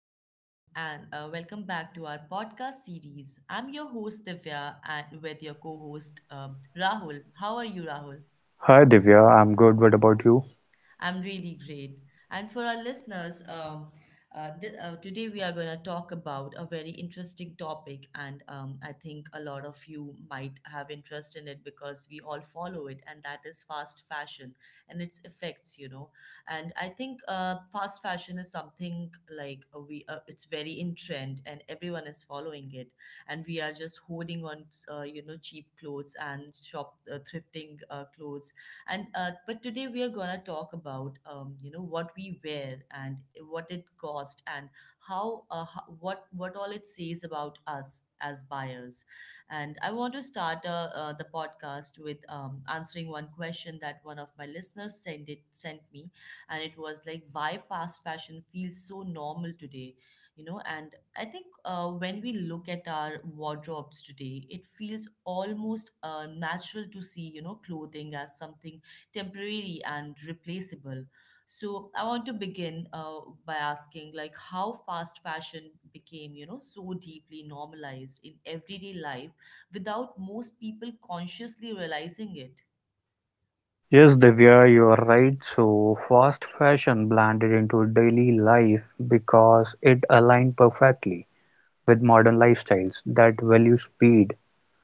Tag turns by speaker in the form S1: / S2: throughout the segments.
S1: everyone, and welcome back to our podcast series. I'm your host, Divya, and with your co host, Rahul. How are you, Rahul?
S2: Hi Divya, I'm good. What about you?
S1: I'm really great. And for our listeners, today we are going to talk about a very interesting topic, and I think a lot of you might have interest in it because we all follow it, and that is fast fashion and its effects. And I think fast fashion is something like we it's very in trend, and everyone is following it, and we are just holding on, cheap clothes and shop thrifting clothes and but today we are gonna talk about you know what we wear and what it cost and what all it says about us as buyers. And I want to start the podcast with answering one question that one of my listeners sent me. And it was like, why fast fashion feels so normal today, you know. And I think when we look at our wardrobes today, it feels almost natural to see, you know, clothing as something temporary and replaceable. So I want to begin by asking, like, how fast fashion became, you know, so deeply normalized in everyday life without most people consciously realizing it.
S2: Yes, Divya, you're right. So, fast fashion blended into daily life because it aligned perfectly with modern lifestyles that value speed,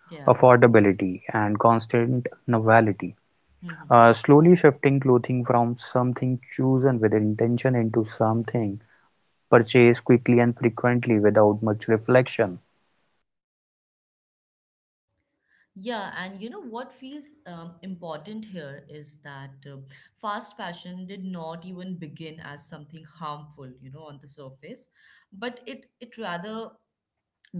S1: Yeah.
S2: affordability, and constant novelty.
S1: hmm
S2: Slowly shifting clothing from something chosen with intention into something purchased quickly and frequently without much reflection.
S1: Yeah, and you know what feels important here is that fast fashion did not even begin as something harmful, you know, on the surface, but it rather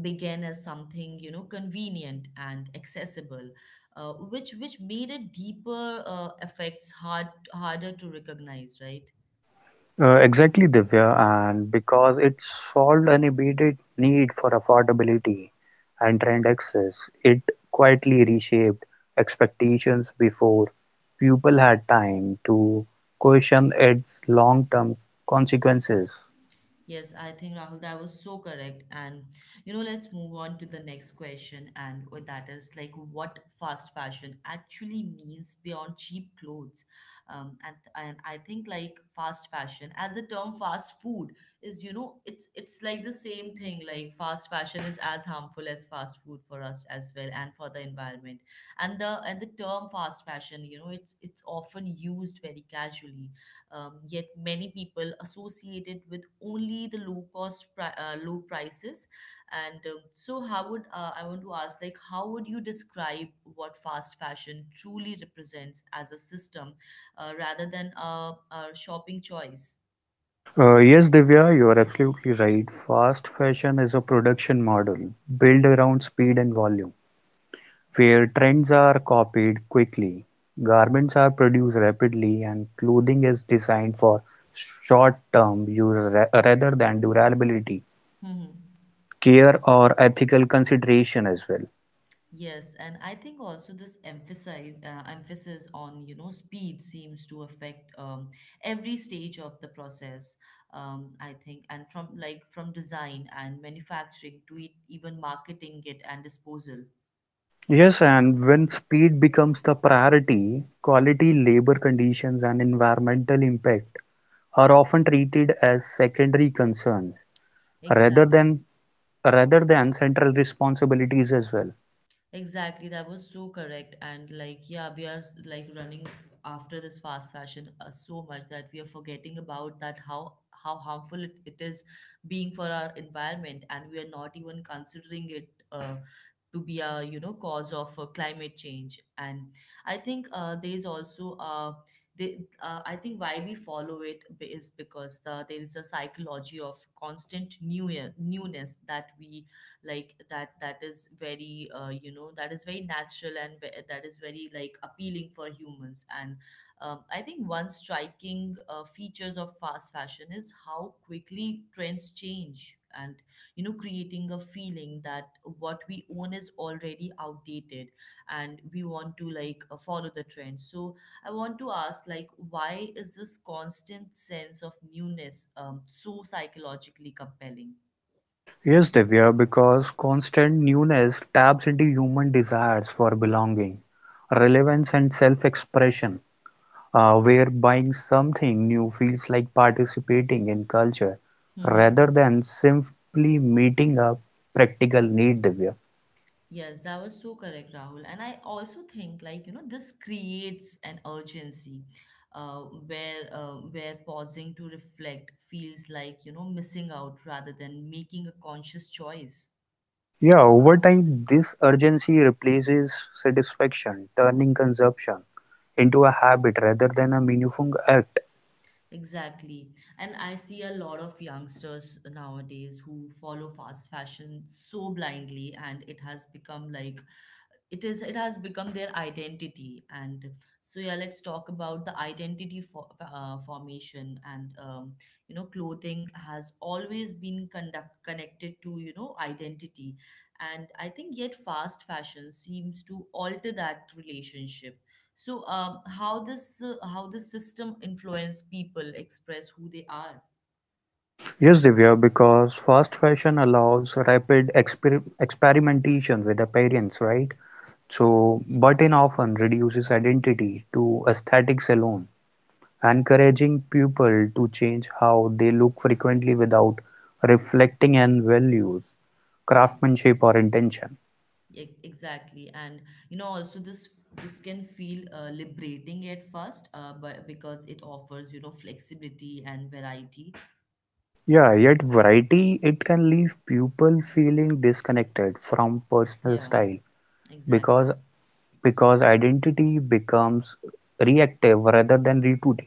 S1: began as something, you know, convenient and accessible, which made it deeper effects harder to recognize, right?
S2: Exactly, Divya, and because it solved an immediate need for affordability and trend access, it quietly reshaped expectations before people had time to question its long-term consequences.
S1: Yes, I think, Rahul, that was so correct. And you know, let's move on to the next question, and what that is, like, what fast fashion actually means beyond cheap clothes. Um, and and I think, like, fast fashion as a term, fast food is, you know, it's like the same thing. Like fast fashion is as harmful as fast food for us as well, and for the environment. And the term fast fashion, you know, it's often used very casually, yet many people associate it with only the low prices. And so how would I want to ask, like, how would you describe what fast fashion truly represents as a system rather than a shopping choice?
S2: Yes, Divya, you are absolutely right. Fast fashion is a production model built around speed and volume, where trends are copied quickly, garments are produced rapidly, and clothing is designed for short-term rather than durability,
S1: Hmm.
S2: care, or ethical consideration as well.
S1: Yes, and I think also this emphasize emphasis on, you know, speed seems to affect every stage of the process. I think, and from, like, from design and manufacturing to it, even marketing it and disposal.
S2: Yes, and when speed becomes the priority, quality, labor conditions, and environmental impact are often treated as secondary concerns rather
S1: Exactly.
S2: than rather than central responsibilities as well.
S1: Exactly, that was so correct. And like, yeah, we are like running after this fast fashion so much that we are forgetting about that how harmful it is being for our environment, and we are not even considering it to be, a you know, cause of climate change. And I think there is also they, I think why we follow it is because there is a psychology of constant newness that we like, that that is very that is very natural and that is very, like, appealing for humans. And I think one striking features of fast fashion is how quickly trends change, and you know, creating a feeling that what we own is already outdated and we want to, like, follow the trend. So I want to ask, like, why is this constant sense of newness, so psychologically compelling?
S2: Yes, Divya, because constant newness taps into human desires for belonging, relevance, and self expression, where buying something new feels like participating in culture
S1: Mm-hmm.
S2: rather than simply meeting a practical need, Divya.
S1: Yes, that was so correct, Rahul. And I also think, like, you know, this creates an urgency uh, where pausing to reflect feels like, you know, missing out rather than making a conscious choice.
S2: Yeah, over time, this urgency replaces satisfaction, turning consumption into a habit rather than a meaningful act.
S1: Exactly. And I see a lot of youngsters nowadays who follow fast fashion so blindly, and it has become like it has become their identity. And so, yeah, let's talk about the identity formation. And you know, clothing has always been conduct connected to, you know, identity. And I think, yet fast fashion seems to alter that relationship. So how this system influence people express who they are.
S2: Yes, Divya, because fast fashion allows rapid experimentation with appearance, right? So, but in often reduces identity to aesthetics alone, encouraging people to change how they look frequently without reflecting on values, craftsmanship, or intention.
S1: Exactly, and you know, also this can feel liberating at first, but because it offers, you know, flexibility and variety.
S2: Yeah, yet variety, it can leave people feeling disconnected from personal
S1: Yeah,
S2: style because
S1: exactly.
S2: identity becomes reactive rather than rooted.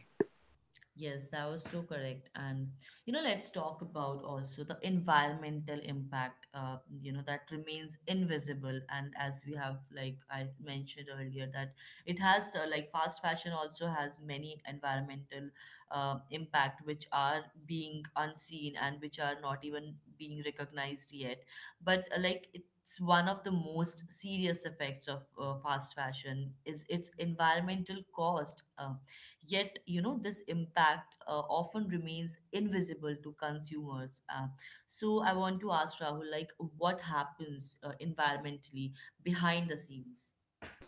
S1: Yes, that was so correct. And you know, let's talk about also the environmental impact, you know, that remains invisible. And as we have, like I mentioned earlier, that it has, fast fashion also has many environmental impact which are being unseen and which are not even being recognized yet. But it's one of the most serious effects of fast fashion is its environmental cost. Yet, you know, this impact often remains invisible to consumers. So, I want to ask Rahul, like, what happens environmentally behind the scenes?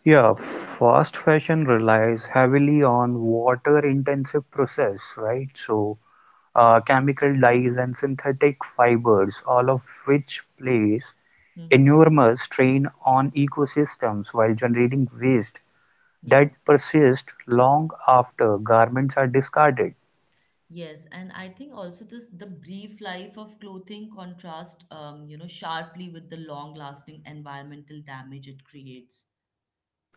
S2: Yeah, fast fashion relies heavily on water-intensive process, right? So, chemical dyes and synthetic fibers, all of which place
S1: hmm
S2: enormous strain on ecosystems while generating waste
S1: Yeah.
S2: that persists long after garments are discarded.
S1: Yes, and I think also this, the brief life of clothing contrast, you know, sharply with the long-lasting environmental damage it creates.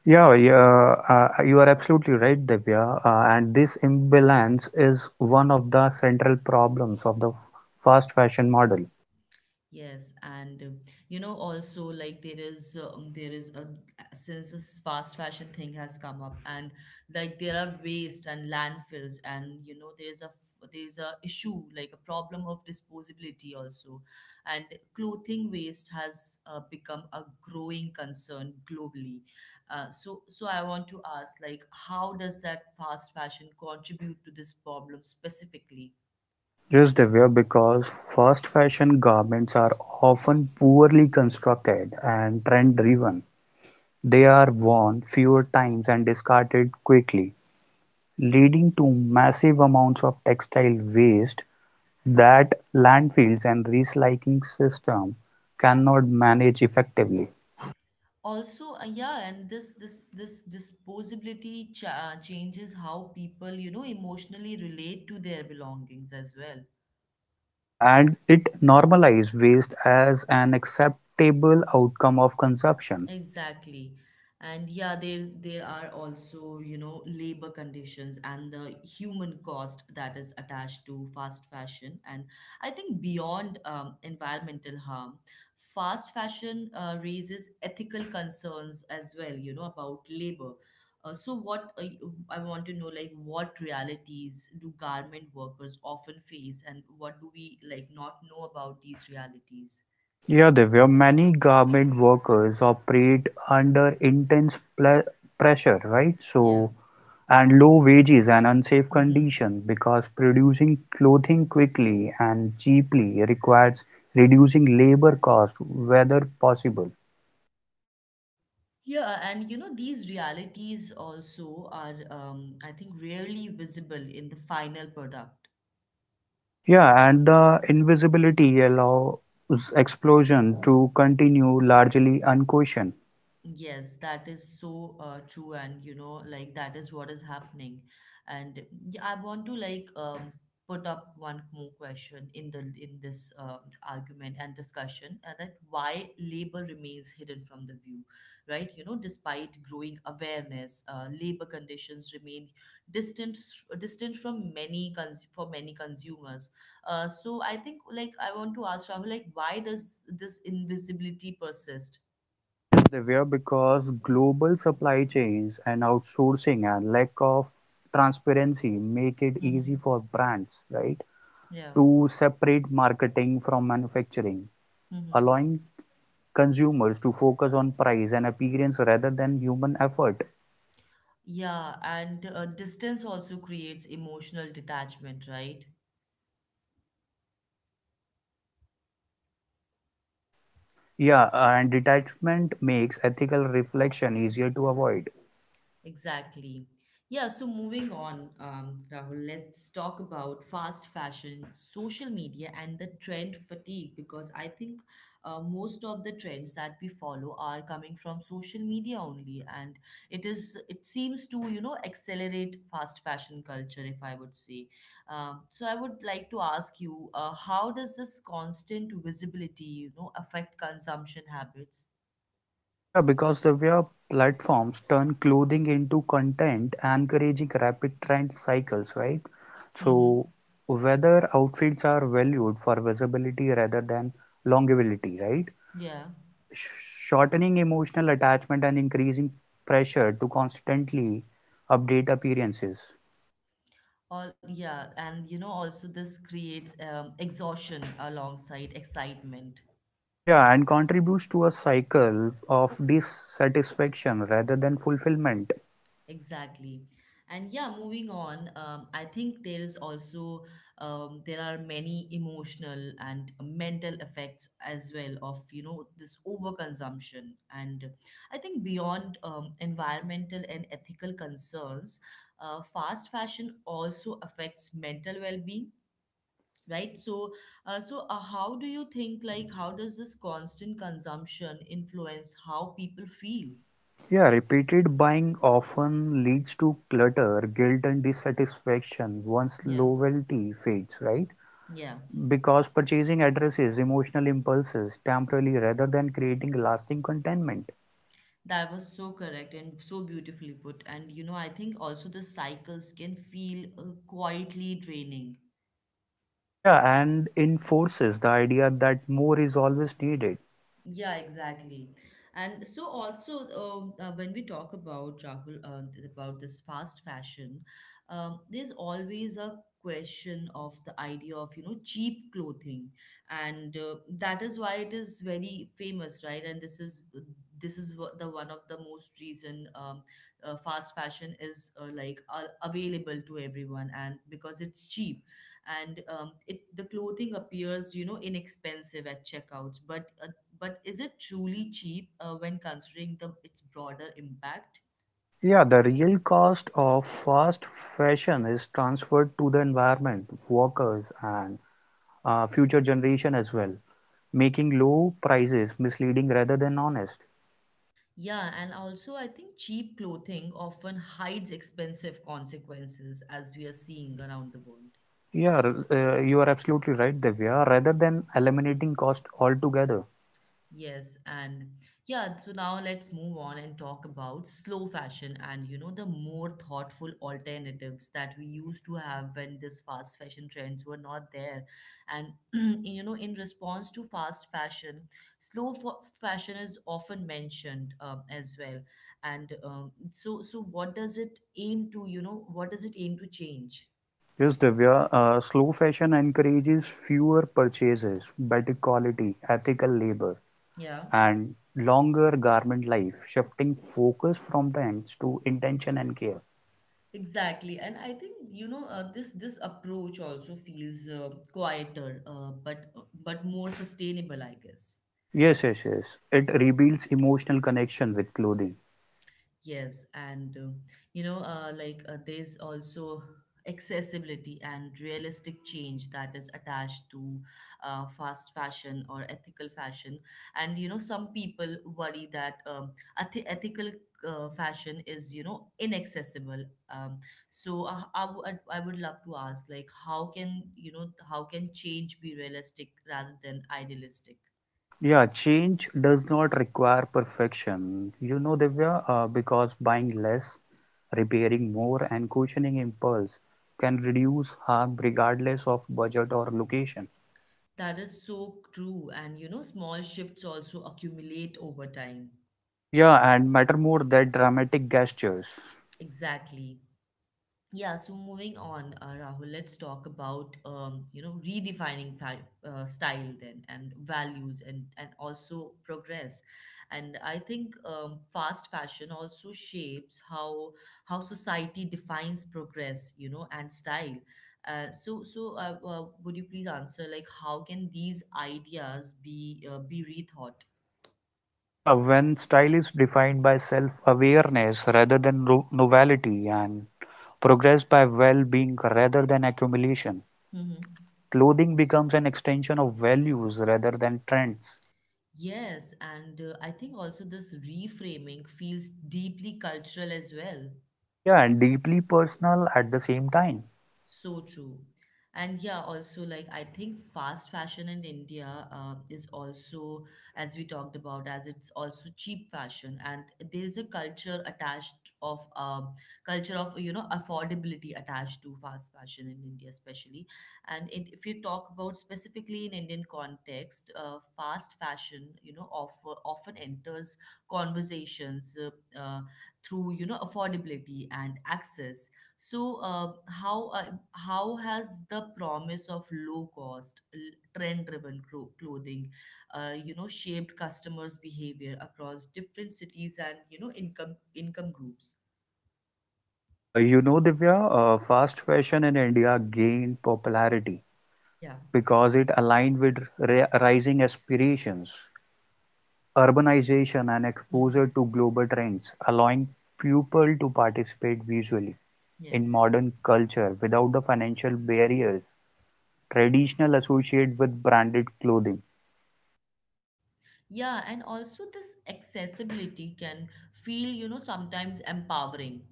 S2: Yeah, yeah, uh, you are absolutely right, Divya. And this imbalance is one of the central problems of the fast fashion model.
S1: Yes, and you know, also, like, there is a, since this fast fashion thing has come up, and like there are waste and landfills, and you know, there's a there's a issue, like a problem of disposability also. And clothing waste has become a growing concern globally. So I want to ask, like, how does that fast fashion contribute to this problem specifically?
S2: Yes, Divya, because fast fashion garments are often poorly constructed and trend driven. They are worn fewer times and discarded quickly, leading to massive amounts of textile waste that landfills and recycling system cannot manage effectively.
S1: Also yeah, and this disposability changes how people, you know, emotionally relate to their belongings as well.
S2: Yeah, and it normalizes waste as an acceptable outcome of consumption.
S1: Exactly. And yeah, there are also, you know, labor conditions and the human cost that is attached to fast fashion. And I think beyond environmental harm, fast fashion raises ethical concerns as well, you know, about labor. Uh, so what uh, y- I want to know, like, what realities do garment workers often face, and what do we, like, not know about these realities?
S2: There were many garment workers operate under intense ple pressure, right?
S1: Yeah.
S2: So, and low wages and unsafe conditions because producing clothing quickly and cheaply requires reducing labor costs whether possible.
S1: Yeah, and you know, these realities also are, I think, rarely visible in the final product.
S2: Yeah, and the invisibility allows explosion to continue largely unquestioned.
S1: Yes, that is so true, and you know, like, that is what is happening. And yeah, I want to, like, put up one more question in the, in this argument and discussion, and that, why labor remains hidden from the view, right? You know, despite growing awareness, labor conditions remain distant distant from many for many consumers. So I think, like, I want to ask Rahul, like, why does this invisibility persist?
S2: Yes, they were because global supply chains and outsourcing and lack of transparency make it
S1: hmm
S2: easy for brands, right,
S1: Yeah.
S2: to separate marketing from manufacturing,
S1: hmm
S2: allowing consumers to focus on price and appearance rather than human effort.
S1: Yeah, and distance also creates emotional detachment, right?
S2: Yeah, and detachment makes ethical reflection easier to avoid.
S1: Exactly. Yeah, so moving on, Rahul, let's talk about fast fashion, social media, and the trend fatigue, because I think most of the trends that we follow are coming from social media only, and it seems to, you know, accelerate fast fashion culture, if I would say. So I would like to ask you, how does this constant visibility, you know, affect consumption habits?
S2: Yeah, because the way platforms turn clothing into content, encouraging rapid trend cycles, right? So
S1: Mm-hmm.
S2: whether outfits are valued for visibility rather than longevity, right?
S1: Yeah.
S2: Shortening emotional attachment and increasing pressure to constantly update appearances.
S1: All, yeah, and you know, also this creates exhaustion alongside excitement.
S2: Yeah, and contributes to a cycle of dissatisfaction rather than fulfillment.
S1: Exactly. And yeah, moving on, I think there is also there are many emotional and mental effects as well of, you know, this overconsumption. And I think beyond environmental and ethical concerns, fast fashion also affects mental well-being, right? So how do you think, like, how does this constant consumption influence how people feel?
S2: Yeah, repeated buying often leads to clutter, guilt, and dissatisfaction once
S1: Yeah,
S2: loyalty fades, right?
S1: yeah,
S2: Because purchasing addresses emotional impulses temporarily rather than creating lasting contentment.
S1: that was so correct and so beautifully put. And you know, I think also the cycles can feel quietly draining.
S2: Yeah, and enforces the idea that more is always needed.
S1: Yeah, exactly. And so also when we talk about Rahul about this fast fashion, there's always a question of the idea of, you know, cheap clothing, and that is why it is very famous, right? And this is, this is the one of the most reason, fast fashion is available to everyone, and because it's cheap, and it the clothing appears, you know, inexpensive at checkouts, but is it truly cheap when considering the its broader impact?
S2: Yeah, the real cost of fast fashion is transferred to the environment, workers, and future generation as well, making low prices misleading rather than honest.
S1: Yeah, and also I think cheap clothing often hides expensive consequences, as we are seeing around the world.
S2: You are absolutely right, Divya. Rather than eliminating cost altogether.
S1: Yes, and yeah, so now let's move on and talk about slow fashion and, you know, the more thoughtful alternatives that we used to have when this fast fashion trends were not there. And you know, in response to fast fashion, slow fashion is often mentioned as well. So what does it aim to, what does it aim to change?
S2: Yes, Divya, slow fashion encourages fewer purchases, better quality, ethical labor,
S1: Yeah.
S2: and longer garment life, shifting focus from trends to intention and care.
S1: Exactly, and I think this approach also feels quieter, but more sustainable, I guess.
S2: Yes. It rebuilds emotional connection with clothing.
S1: Yes, and you know, there's also accessibility and realistic change that is attached to fast fashion or ethical fashion. And you know, some people worry that ethical fashion is, you know, inaccessible. I would love to ask, like, how can, you know, how can change be realistic rather than idealistic?
S2: Yeah, change does not require perfection. You know, Divya, because buying less, repairing more, and cushioning impulse can reduce harm regardless of budget or location.
S1: That is so true. And you know, small shifts also accumulate over time.
S2: Yeah, and matter more that dramatic gestures.
S1: Exactly. Yeah, so moving on, Rahul, let's talk about you know redefining fa style then and values and also progress. And I think fast fashion also shapes how society defines progress, you know, and style. Would you please answer like how can these ideas be rethought?
S2: Yeah, when style is defined by self-awareness rather than novelty and progress by well-being rather than accumulation,
S1: Mm-hmm.
S2: clothing becomes an extension of values rather than trends.
S1: Yes, and I think also this reframing feels deeply cultural as well.
S2: Yeah, and deeply personal at the same time.
S1: So true. And yeah, also like I think fast fashion in India is also, as we talked about, as it's also cheap fashion, and there is a culture attached of culture of you know affordability attached to fast fashion in India, especially. And it, if you talk about specifically in Indian context, fast fashion, you know, offer, often enters conversations through you know affordability and access so, how has the promise of low cost, trend driven clothing, you know, shaped customers' behavior across different cities and you know income groups?
S2: You know, Divya, fast fashion in India gained popularity
S1: Yeah.
S2: because it aligned with rising aspirations. Urbanization and exposure
S1: Hmm.
S2: to global trends allowing people to participate visually
S1: Yeah.
S2: in modern culture without the financial barriers traditional associated with branded clothing.
S1: Yeah, and also this accessibility can feel, you know, sometimes empowering,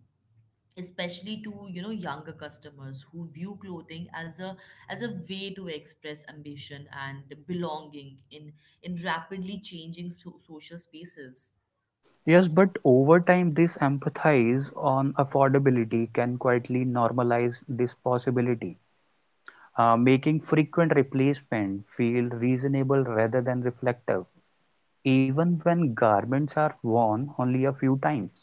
S1: especially to you know younger customers who view clothing as a way to express ambition and belonging in rapidly changing social spaces.
S2: Yes, but over time, this emphasis on affordability can quietly normalize this possibility, making frequent replacement feel reasonable rather than reflective, even when garments are worn only a few times.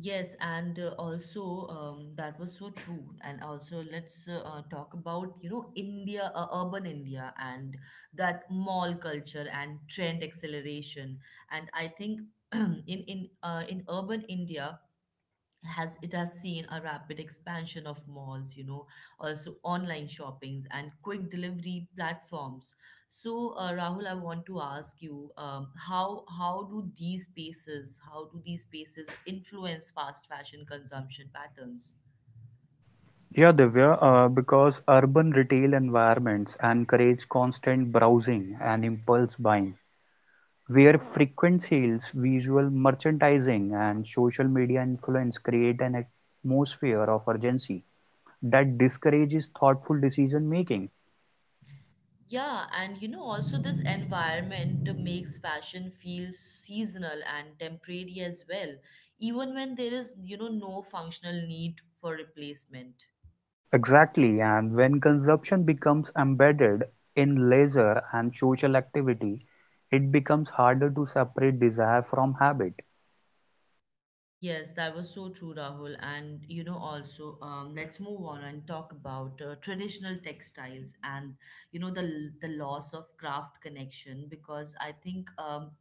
S1: Yes, and also that was so true and also let's talk about you know India urban India and that mall culture and trend acceleration. And I think in urban India has it has seen a rapid expansion of malls, you know, also online shoppings and quick delivery platforms. So Rahul, I want to ask you how do these spaces influence fast fashion consumption patterns?
S2: Yeah, Divya, because urban retail environments encourage constant browsing and impulse buying, where frequent sales, visual merchandising, and social media influence create an atmosphere of urgency that discourages thoughtful decision making.
S1: Yeah, and you know also this environment makes fashion feel seasonal and temporary as well, even when there is you know no functional need for replacement.
S2: Exactly, and when consumption becomes embedded in leisure and social activity, it becomes harder to separate desire from habit.
S1: Yes, that was so true, Rahul. And you know, also, let's move on and talk about traditional textiles and you know the loss of craft connection, because I think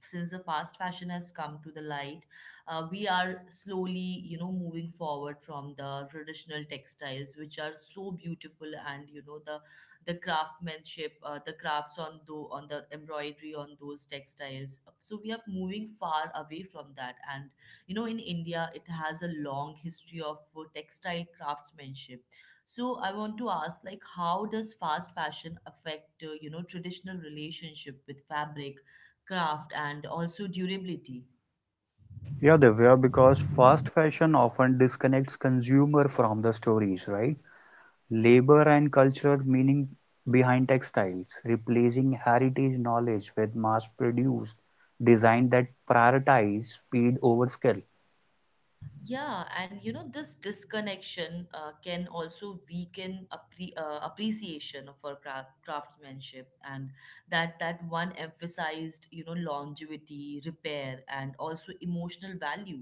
S1: since the fast fashion has come to the light, we are slowly you know moving forward from the traditional textiles, which are so beautiful, and you know the craftsmanship, the crafts on the embroidery on those textiles. So we are moving far away from that. And you know in India it has a long history of textile craftsmanship. So I want to ask, like, how does fast fashion affect you know traditional relationship with fabric, craft, and also durability?
S2: Yeah, Divya, because fast fashion often disconnects consumer from the stories, right? Labor and cultural meaning behind textiles, replacing heritage knowledge with mass-produced design that prioritize speed over skill.
S1: Yeah, and you know this disconnection can also weaken appreciation of our craftsmanship and that one emphasized you know longevity, repair, and also emotional value.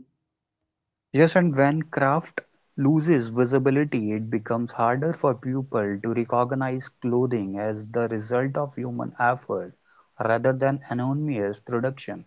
S2: Yes, and when craft loses visibility, it becomes harder for people to recognize clothing as the result of human effort rather than anonymous production.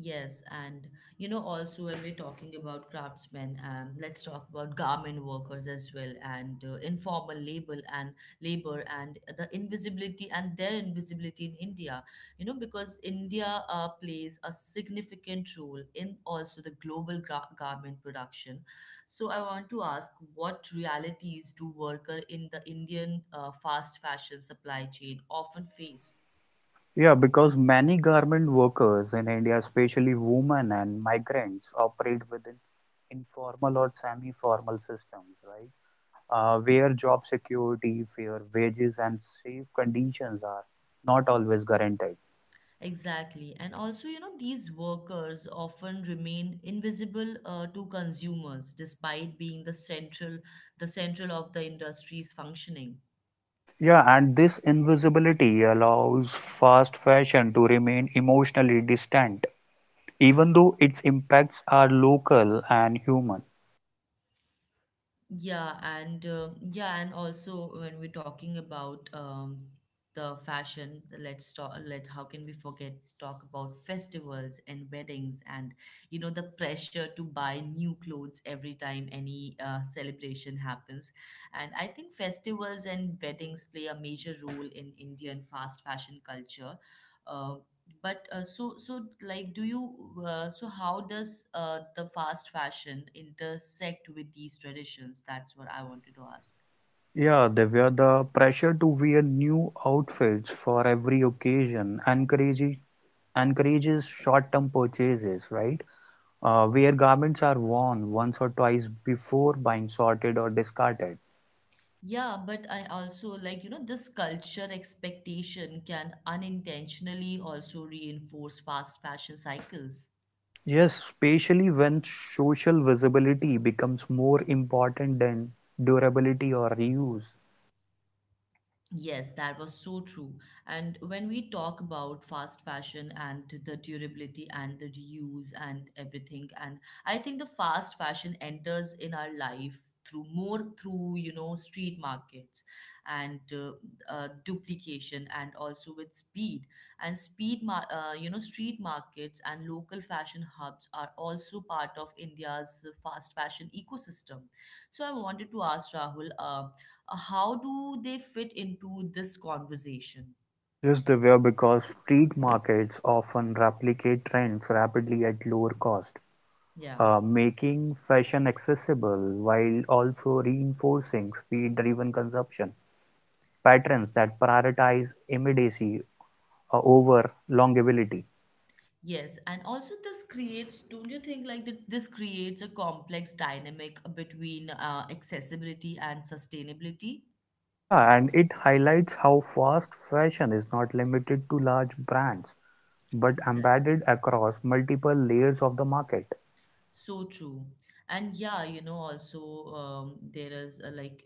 S1: Yes, and you know, also when we're talking about craftsmen, let's talk about garment workers as well, and informal labor and labor and their invisibility in India. You know, because India plays a significant role in also the global garment production. So I want to ask, what realities do worker in the Indian fast fashion supply chain often face?
S2: Yeah, because many garment workers in India, especially women and migrants, operate within informal or semi-formal systems, right? Where job security, fair wages, and safe conditions are not always guaranteed.
S1: Exactly. And also, you know, these workers often remain invisible to consumers despite being the central of the industry's functioning.
S2: Yeah, and this invisibility allows fast fashion to remain emotionally distant, even though its impacts are local and human.
S1: Yeah, and also when we're talking about the fashion, let's talk. Let How can we forget talk about festivals and weddings, and you know the pressure to buy new clothes every time any celebration happens. And I think festivals and weddings play a major role in Indian fast fashion culture. Uh, but so so like do you so how does the fast fashion intersect with these traditions? That's what I wanted to ask.
S2: Yeah, Divya, the pressure to wear new outfits for every occasion encourages short-term purchases, right? Where garments are worn once or twice before buying sorted or discarded.
S1: Yeah, but I also like, you know, this culture expectation can unintentionally also reinforce fast fashion cycles.
S2: Yes, especially when social visibility becomes more important than durability or reuse.
S1: Yes, that was so true. And when we talk about fast fashion and the durability and the reuse and everything, and I think the fast fashion enters in our life through more through you know street markets and duplication and also with speed and you know street markets and local fashion hubs are also part of India's fast fashion ecosystem. So I wanted to ask Rahul, how do they fit into this conversation?
S2: This Divya because street markets often replicate trends rapidly at lower cost,
S1: Yeah.
S2: making fashion accessible while also reinforcing speed-driven consumption patterns that prioritize immediacy over longevity.
S1: Yes, and also this creates, don't you think, like that this creates a complex dynamic between accessibility and sustainability?
S2: Yeah, and it highlights how fast fashion is not limited to large brands but
S1: Exactly.
S2: embedded across multiple layers of the market.
S1: So true. And yeah, you know, also there is a, like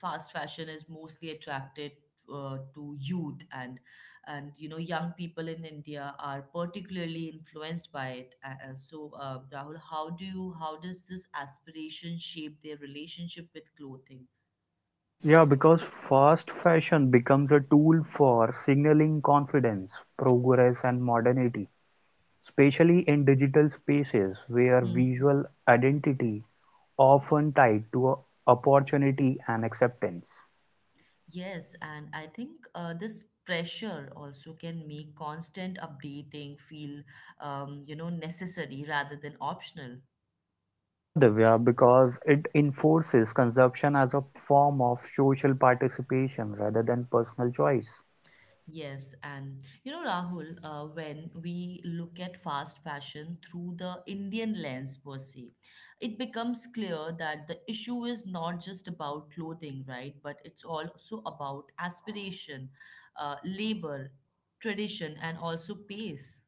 S1: fast fashion is mostly attracted to youth, and you know young people in India are particularly influenced by it. Rahul, how do you how does this aspiration shape their relationship with clothing?
S2: Yeah, because fast fashion becomes a tool for signaling confidence, progress, and modernity, especially in digital spaces where
S1: Hmm.
S2: visual identity often tied to opportunity and acceptance.
S1: Yes, and I think this pressure also can make constant updating feel, you know, necessary rather than optional.
S2: Yeah, Divya, because it enforces consumption as a form of social participation rather than personal choice.
S1: Yes, and you know, Rahul, when we look at fast fashion through the Indian lens per se, it becomes clear that the issue is not just about clothing, right? But it's also about aspiration, labor, tradition, and also pace.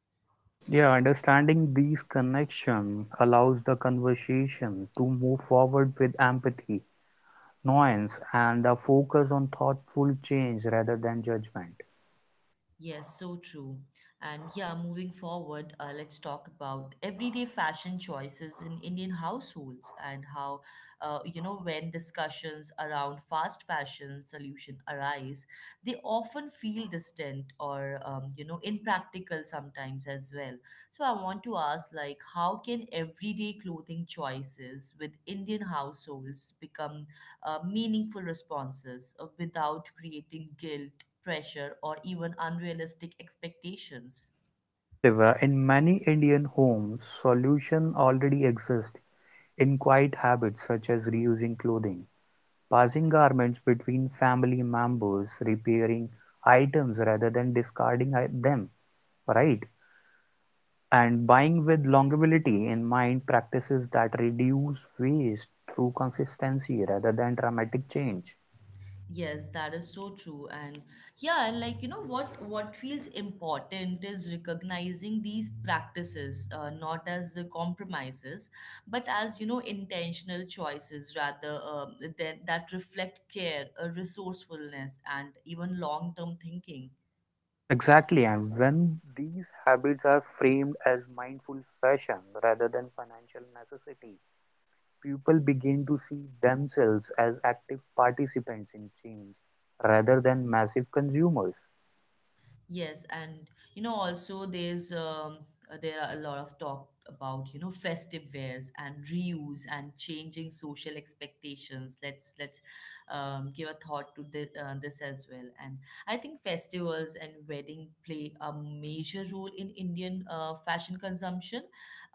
S2: Yeah, understanding these connections allows the conversation to move forward with empathy, nuance, and a focus on thoughtful change rather than judgment.
S1: Yes, so true. And yeah, moving forward, let's talk about everyday fashion choices in Indian households and how, you know, when discussions around fast fashion solution arise, they often feel distant or, you know, impractical sometimes as well. So I want to ask, like, how can everyday clothing choices with Indian households become meaningful responses without creating guilt, pressure, or even unrealistic expectations?
S2: Yes, Divya, in many Indian homes, solutions already exist in quiet habits such as reusing clothing, passing garments between family members, repairing items rather than discarding them, right? And buying with longevity in mind practices that reduce waste through consistency rather than dramatic change.
S1: Yes, that is so true. And yeah, and like you know what feels important is recognizing these practices not as the compromises, but as you know intentional choices that reflect care, resourcefulness, and even long term thinking.
S2: Exactly, and when these habits are framed as mindful fashion rather than financial necessity, people begin to see themselves as active participants in change rather than massive consumers.
S1: Yes, and you know, also there's there are a lot of talk about you know festive wares and reuse and changing social expectations. Let's give a thought to this as well. And I think festivals and wedding play a major role in Indian fashion consumption.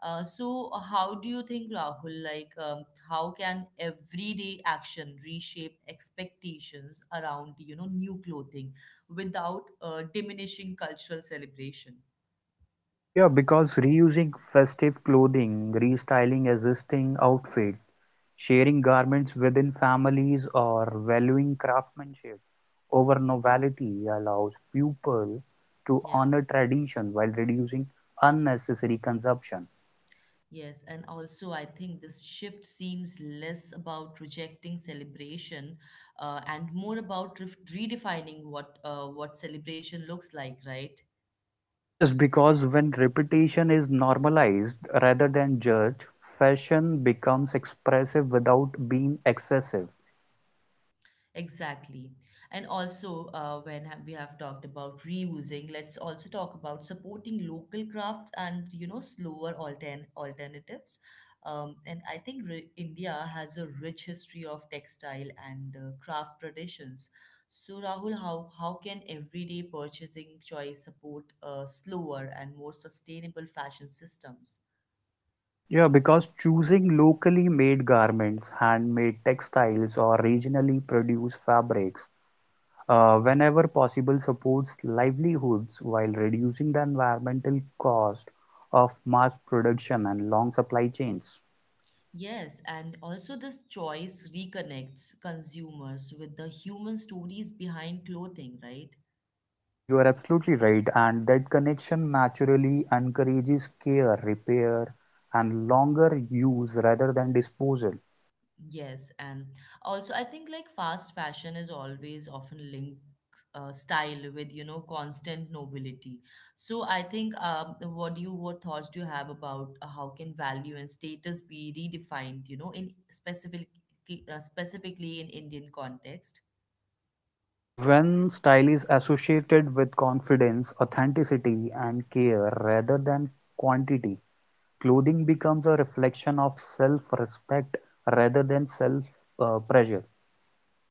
S1: So how do you think, Rahul? Like, how can everyday action reshape expectations around you know new clothing without diminishing cultural celebration?
S2: Yeah, because reusing festive clothing, restyling existing outfit, sharing garments within families, or valuing craftsmanship over novelty allows people to
S1: Yeah.
S2: honor tradition while reducing unnecessary consumption.
S1: Yes. And also, I think this shift seems less about rejecting celebration, and more about ref redefining what celebration looks like, right?
S2: Yes, because when repetition is normalized rather than judged, fashion becomes expressive without being excessive.
S1: Exactly. And also, we have talked about reusing, let's also talk about supporting local crafts and, you know, slower alternatives. And I think ri India has a rich history of textile and craft traditions. So, Rahul, how can everyday purchasing choice support slower and more sustainable fashion systems?
S2: Yeah, because choosing locally made garments, handmade textiles, or regionally produced fabrics, whenever possible, supports livelihoods while reducing the environmental cost of mass production and long supply chains.
S1: Yes, and also this choice reconnects consumers with the human stories behind clothing, right?
S2: Yeah, you are absolutely right, and that connection naturally encourages care, repair, and longer use rather than disposal.
S1: Yes, and also I think like fast fashion is always often linked style with you know constant nobility. So I think what thoughts do you have about how can value and status be redefined? You know, in specific specifically in Indian context.
S2: Yes, when style is associated with confidence, authenticity, and care rather than quantity, clothing becomes a reflection of self respect rather than self pressure.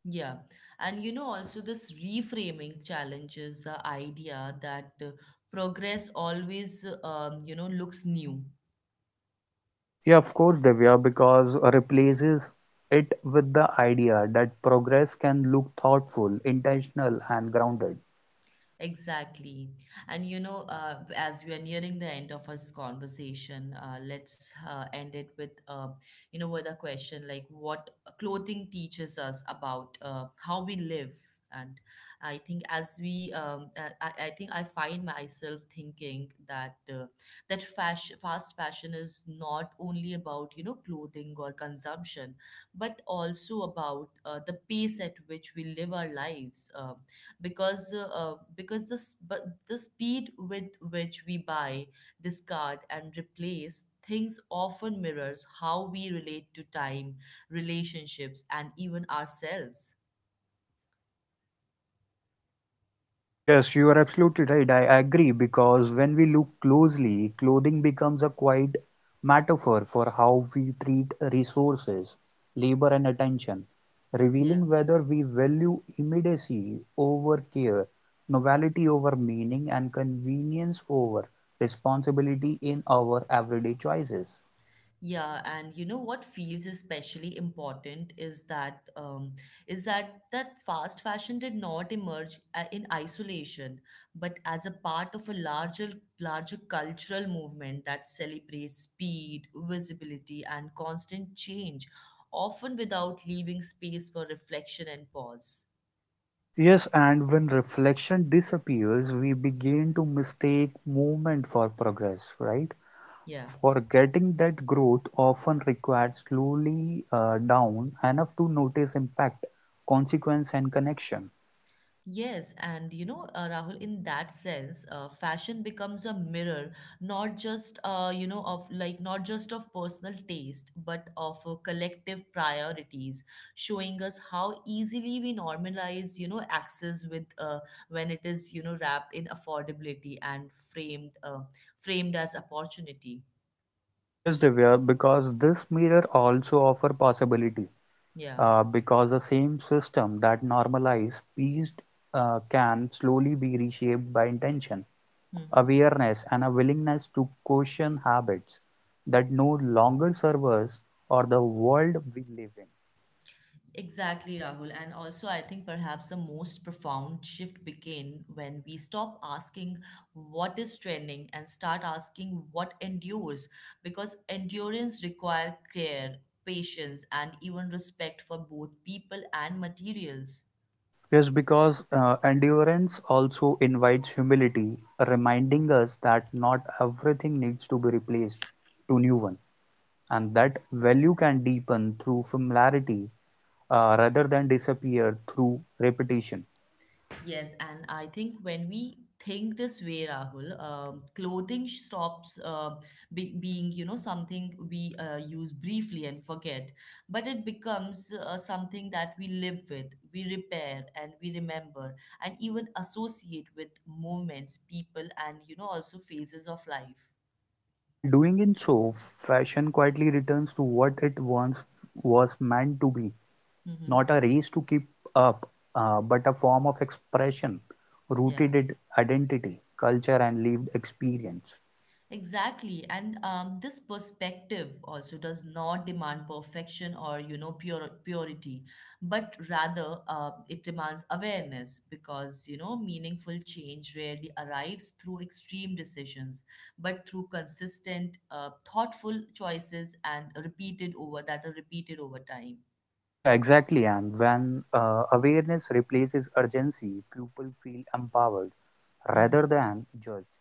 S1: Yeah. And you know, also, this reframing challenges the idea that progress always, you know, looks new.
S2: Yeah, of course, Divya, because replaces it with the idea that progress can look thoughtful, intentional, and grounded.
S1: Exactly. And you know, as we are nearing the end of this conversation, let's end it with, you know, with a question like what clothing teaches us about how we live. And I think as we, I think I find myself thinking that fast fashion is not only about, you know, clothing or consumption, but also about the pace at which we live our lives. Because the s- but the speed with which we buy, discard, and replace things often mirrors how we relate to time, relationships, and even ourselves.
S2: Yes, you are absolutely right. I agree because when we look closely, clothing becomes a quite metaphor for how we treat resources, labor, and attention,
S1: Yeah.
S2: revealing whether we value immediacy over care, novelty over meaning, and convenience over responsibility in our everyday choices.
S1: Yeah, and you know what feels especially important is that that fast fashion did not emerge in isolation, but as a part of a larger cultural movement that celebrates speed, visibility, and constant change, often without leaving space for reflection and pause.
S2: Yes, and when reflection disappears, we begin to mistake movement for progress, right?
S1: Yeah.
S2: For getting that growth often requires slowly down enough to notice impact, consequence, and connection.
S1: Yes, and you know, Rahul, in that sense, fashion becomes a mirror, not just you know, of like not just of personal taste, but of collective priorities, showing us how easily we normalize, you know, access with you know, wrapped in affordability and framed as opportunity.
S2: Yes, Divya, because this mirror also offer possibility.
S1: Yeah.
S2: Because the same system that normalize peace can slowly be reshaped by intention,
S1: Hmm.
S2: awareness, and a willingness to question habits that no longer serve us or the world we live in.
S1: Exactly, Rahul. And also, I think perhaps the most profound shift began when we stop asking what is trending and start asking what endures, because endurance requires care, patience, and even respect for both people and materials.
S2: Yes, because endurance also invites humility, reminding us that not everything needs to be replaced to new one, and that value can deepen through familiarity rather than disappear through repetition.
S1: Yes, and I think when we think this way, Rahul, clothing stops be being, you know, something we use briefly and forget, but it becomes something that we live with, we repair, and we remember, and even associate with moments, people, and, you know, also phases of life.
S2: Yeah, and doing in so, fashion quietly returns to what it once was meant to be,
S1: Mm-hmm.
S2: not a race to keep up, but a form of expression
S1: Yeah.
S2: rooted in identity, culture, and lived experience.
S1: Exactly. And this perspective also does not demand perfection or, you know, pure purity, but rather it demands awareness because, you know, meaningful change rarely arrives through extreme decisions, but through consistent, thoughtful choices and repeated over that are repeated over time.
S2: Yeah, exactly. And when awareness replaces urgency, people feel empowered rather
S1: Mhm.
S2: than judged,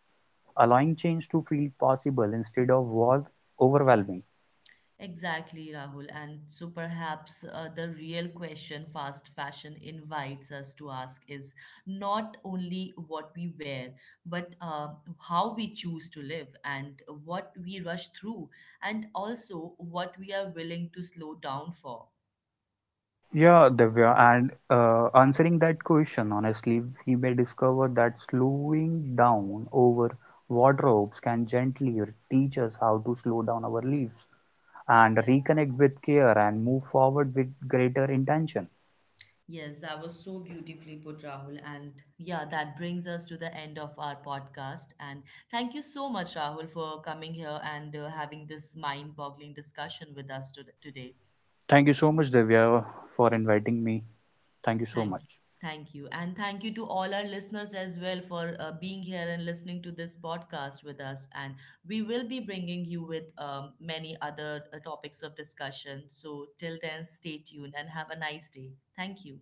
S2: allowing change to feel possible instead of was overwhelming.
S1: Exactly, Rahul. And so perhaps the real question fast fashion invites us to ask is not only what we wear, but how we choose to live and what we rush through, and also what we are willing to slow down for.
S2: Yeah, Divya, and answering that question honestly, we may discover that slowing down over wardrobes can gently teach us how to slow down our lives and
S1: Yeah.
S2: reconnect with care and move forward with greater intention.
S1: Yes, that was so beautifully put, Rahul. And yeah, that brings us to the end of our podcast. And thank you so much, Rahul, for coming here and having this mind boggling discussion with us today.
S2: Thank you so much, Divya, for inviting me. Thank you so
S1: Thank
S2: much.
S1: you. Thank you. And thank you to all our listeners as well for being here and listening to this podcast with us. And we will be bringing you with many other topics of discussion. So till then, stay tuned and have a nice day. Thank you.